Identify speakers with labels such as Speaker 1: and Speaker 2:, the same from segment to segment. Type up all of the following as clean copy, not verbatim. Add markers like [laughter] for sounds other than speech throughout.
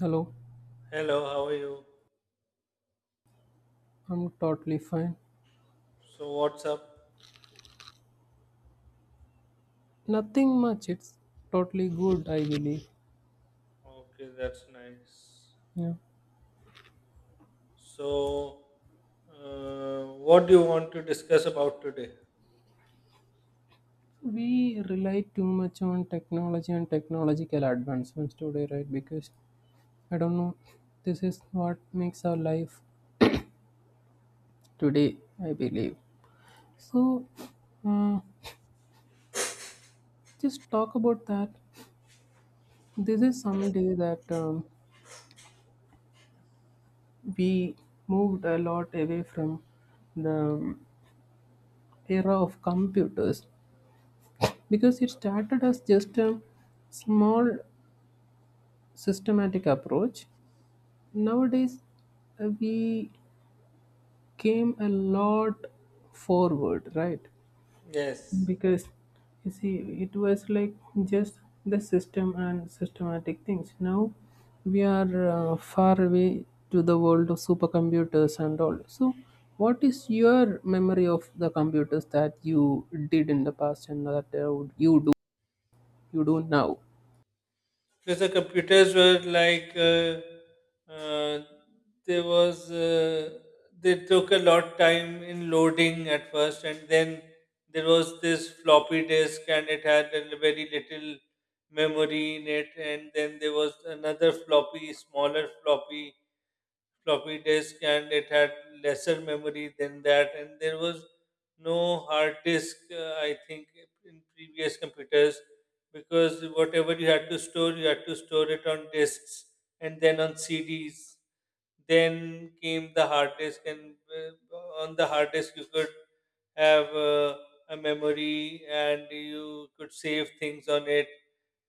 Speaker 1: Hello,
Speaker 2: Hello, how are you?
Speaker 1: I'm totally fine.
Speaker 2: So, what's up?
Speaker 1: Nothing much, it's totally good, I believe.
Speaker 2: Okay, that's nice.
Speaker 1: Yeah.
Speaker 2: So, what do you want to discuss about today?
Speaker 1: We rely too much on technology and technological advancements today, right? Because I don't know, this is what makes our life today, I believe. So, uh, just talk about that. This is someday that we moved a lot away from the era of computers because it started as just a small systematic approach nowadays, we came a lot forward, right?
Speaker 2: Yes,
Speaker 1: Because you see, it was like just the system and systematic things. Now we are far away to the world of supercomputers and all. So what is your memory of the computers that you did in the past and that you do you do now?
Speaker 2: because the computers were like uh, there was they took a lot time in loading at first, and then there was this floppy disk, and it had a very little memory in it, and then there was another floppy, smaller floppy, floppy disk and it had lesser memory than that and there was no hard disk I think in previous computers because whatever you had to store you had to store it on disks and then on cds. Then came the hard disk, and uh, on the hard disk you could have a memory, and you could save things on it.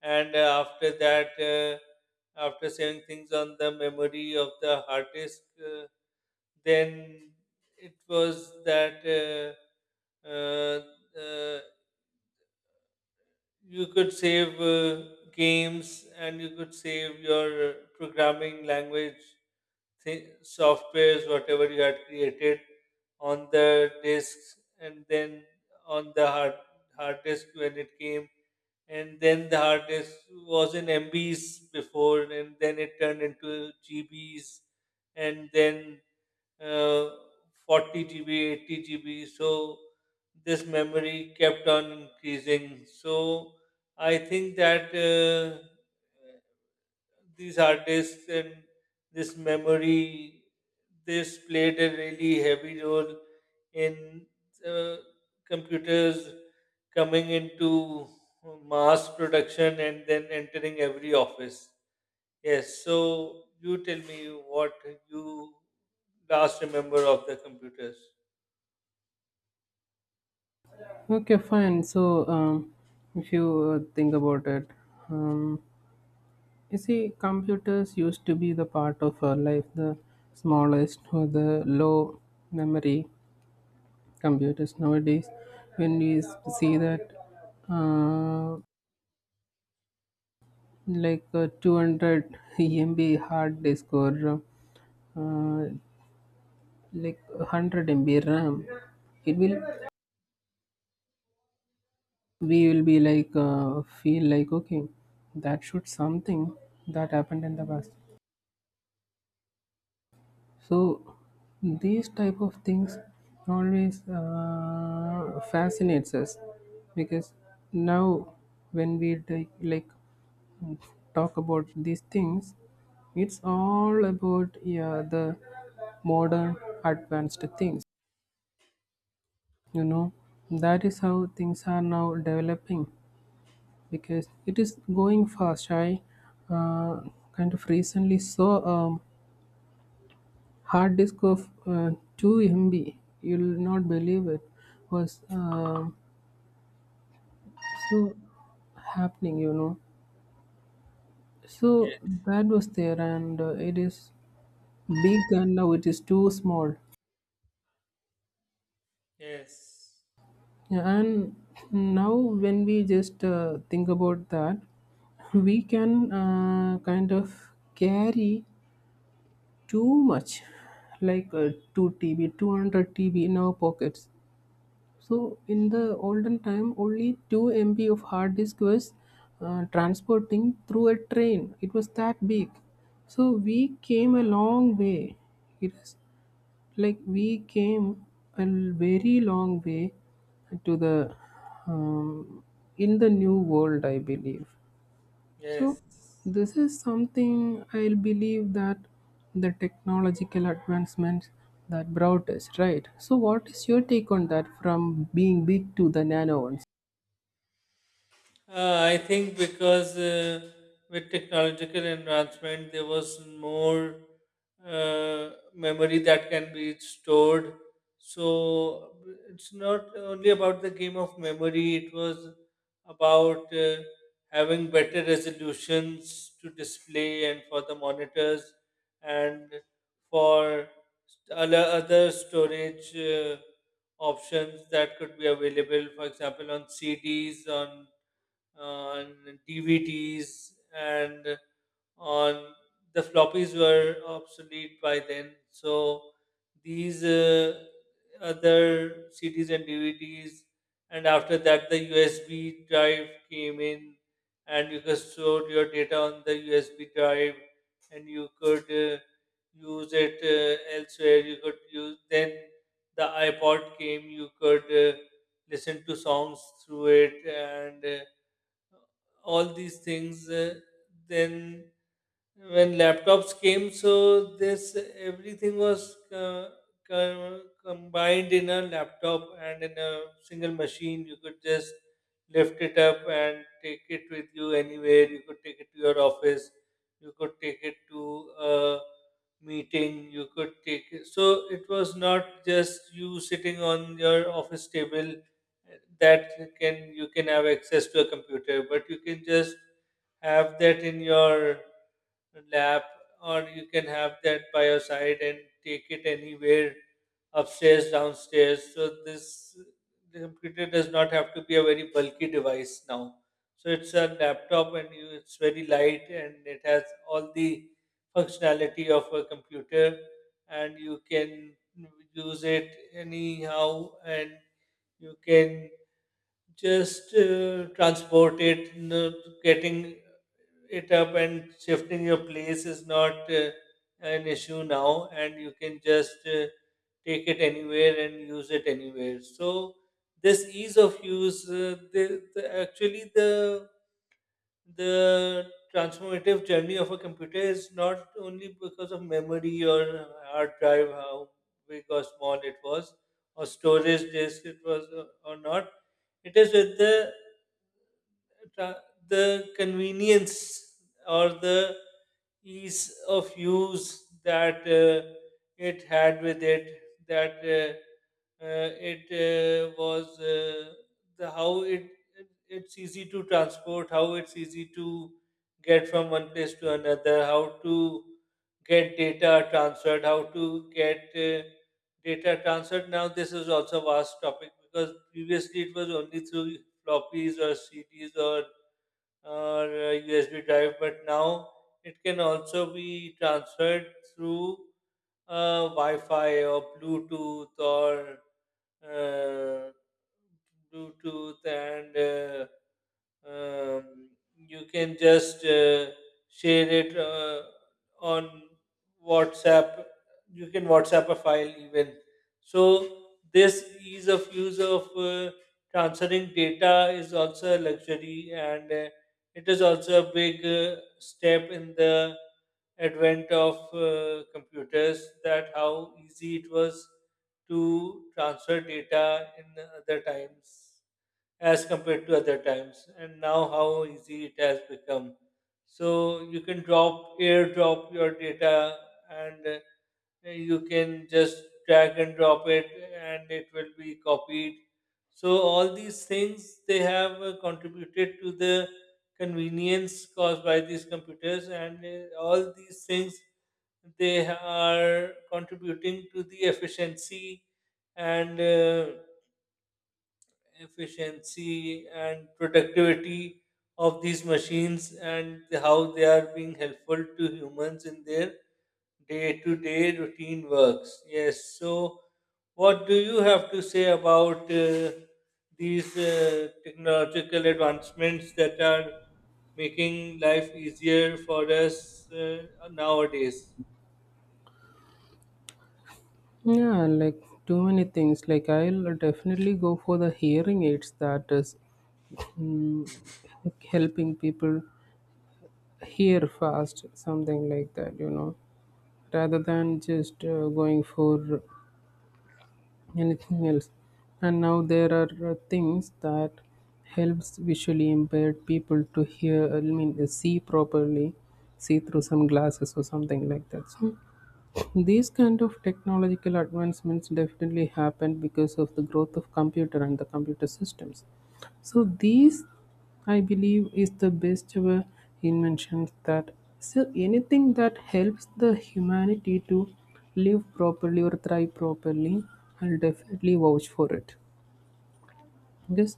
Speaker 2: And after that, after saving things on the memory of the hard disk, then it was that uh, you could save games and you could save your programming language softwares, whatever you had created on the disks and then on the hard disk when it came. And then the hard disk was in MBs before, and then it turned into GBs, and then uh, 40 GB, 80 GB. So this memory kept on increasing. So I think that these artists and this memory, this played a really heavy role in uh, computers coming into mass production and then entering every office. Yes, so you tell me what you last remember of the computers.
Speaker 1: Okay, fine. So, if you think about it, um, you see, computers used to be the part of our life, the smallest or the low memory computers. Nowadays, when we see that, uh, like a 200 MB hard disk or uh, like 100 MB RAM, it will we will be like feel like okay, that should something that happened in the past. So these type of things always fascinates us, because now when we like talk about these things, it's all about, yeah, the modern advanced things, you know, that is how things are now developing because it is going fast. I uh, kind of recently saw a hard disk of 2 MB. You'll not believe it was so happening, you know. So
Speaker 2: Yes,
Speaker 1: that was there, and it is big, and now it is too small.
Speaker 2: yes,
Speaker 1: Yeah, and now when we just think about that, we can kind of carry too much, like 2 TB, 200 TB in our pockets. So in the olden time, only 2 MB of hard disk was transporting through a train. It was that big. So we came a long way. It is like we came very long way to the um, in the new world, I believe. So
Speaker 2: yes.
Speaker 1: this is something I believe that the technological advancements that brought us, right? So, what is your take on that, from being big to the nano ones?
Speaker 2: I think because with technological advancement, there was more memory that can be stored. So it's not only about the game of memory, it was about having better resolutions to display and for the monitors and for other storage options that could be available, for example, on CDs, on DVDs and on the floppies were obsolete by then. So these other CDs and DVDs, and after that the USB drive came in, and you could store your data on the USB drive, and you could use it elsewhere. You could use then the iPod came. You could listen to songs through it and all these things then when laptops came, so this everything was combined in a laptop, and in a single machine you could just lift it up and take it with you anywhere. You could take it to your office, you could take it to a meeting, you could take it. So it was not just you sitting on your office table that can you can have access to a computer, but you can just have that in your lap or you can have that by your side and take it anywhere, upstairs, downstairs. So this the computer does not have to be a very bulky device now. So it's a laptop and you, it's very light and it has all the functionality of a computer, and you can use it anyhow, and you can just transport it. Getting it up and shifting your place is not an issue now, and you can just take it anywhere and use it anywhere. So this ease of use the actually the transformative journey of a computer is not only because of memory or hard drive how big or small it was or storage disk it was or not. It is with the tra- the convenience or the ease of use that it had with it, that it was the how it's easy to transport, how it's easy to get from one place to another, how to get data transferred, how to get data transferred. Now this is also a vast topic because previously it was only through floppies or cds or a USB drive, but now it can also be transferred through Wi-Fi or uh, Bluetooth and um, you can just share it on WhatsApp. You can WhatsApp a file even. So this ease of use of transferring data is also a luxury, and it is also a big step in the advent of computers. That how easy it was to transfer data in other times as compared to other times and now how easy it has become. So you can drop airdrop your data, and you can just drag and drop it and it will be copied. So all these things they have contributed to the convenience caused by these computers, and all these things they are contributing to the efficiency and efficiency and productivity of these machines and how they are being helpful to humans in their day to day routine works. Yes, so what do you have to say about these technological advancements that are making life easier for us nowadays?
Speaker 1: Yeah, like too many things. Like, I'll definitely go for the hearing aids that is mm, helping people hear fast, something like that, you know, rather than just going for anything else. And now there are things that helps visually impaired people to hear, I mean, see properly, see through some glasses or something like that. So these kind of technological advancements definitely happened because of the growth of computer and the computer systems. So these, I believe, is the best ever inventions that, so anything that helps the humanity to live properly or thrive properly, I'll definitely vouch for it. Because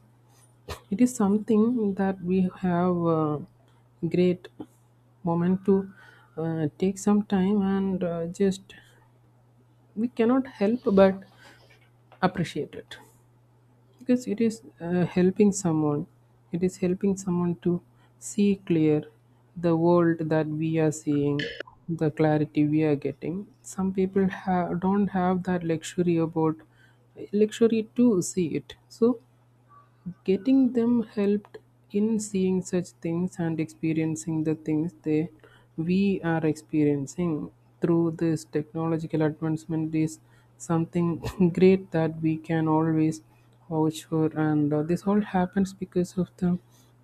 Speaker 1: it is something that we have great moment to take some time and just we cannot help but appreciate it, because it is helping someone, it is helping someone to see clear the world that we are seeing. The clarity we are getting, some people don't have that luxury about luxury to see it. So getting them helped in seeing such things and experiencing the things they, we are experiencing through this technological advancement is something [laughs] great that we can always vouch for. And this all happens because of the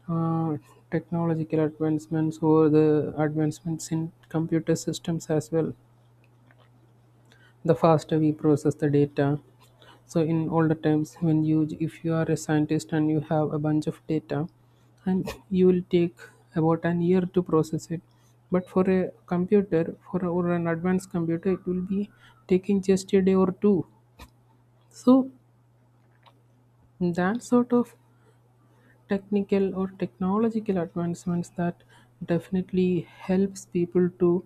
Speaker 1: uh, technological advancements or the advancements in computer systems as well. The faster we process the data, so in older times, when you, if you are a scientist and you have a bunch of data, and you will take about an year to process it, but for a computer, for a, or an advanced computer, it will be taking just a day or two. So that sort of technical or technological advancements that definitely helps people to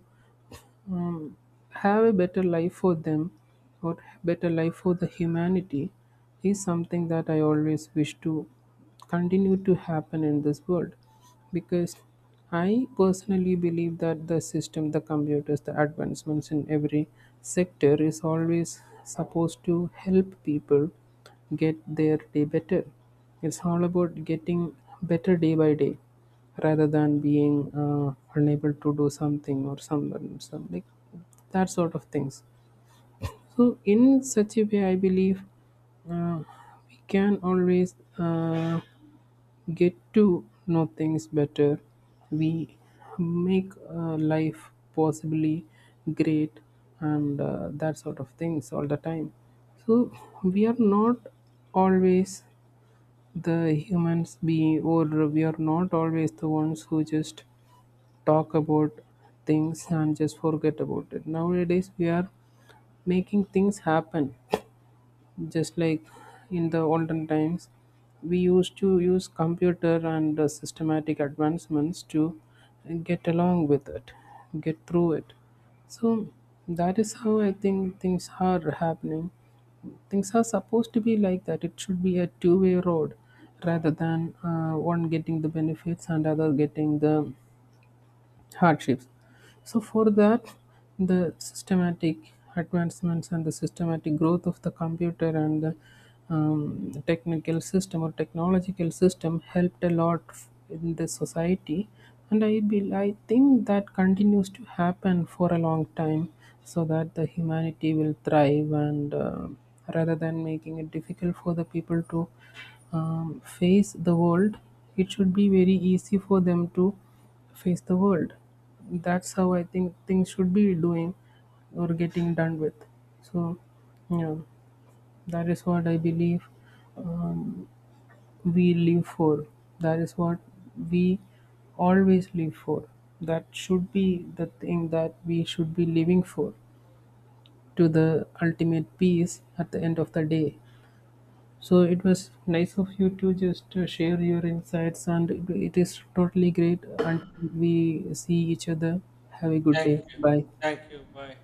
Speaker 1: um, have a better life for them, or better life for the humanity, is something that I always wish to continue to happen in this world. Because I personally believe that the system, the computers, the advancements in every sector is always supposed to help people get their day better. It's all about getting better day by day, rather than being unable to do something or someone some, like that sort of things. So in such a way, I believe uh, we can always get to know things better. We make life possibly great and that sort of things all the time. So we are not always the humans being, or we are not always the ones who just talk about things and just forget about it. Nowadays, we are making things happen just like in the olden times we used to use computer and systematic advancements to get along with it, get through it. So that is how I think things are happening. Things are supposed to be like that. It should be a two-way road rather than one getting the benefits and other getting the hardships. So, for that, the systematic advancements and the systematic growth of the computer and the technical system or technological system helped a lot in the society, and I think that continues to happen for a long time, so that the humanity will thrive and. Rather than making it difficult for the people to face the world, it should be very easy for them to face the world. That's how I think things should be doing or getting done with. So yeah, that is what I believe. um, we live for, that is what we always live for, that should be the thing that we should be living for, to the ultimate peace at the end of the day. So it was nice of you to just share your insights, and it is totally great. Until we see each other, have a good
Speaker 2: Thank
Speaker 1: day.
Speaker 2: you.
Speaker 1: Bye.
Speaker 2: Thank you. Bye.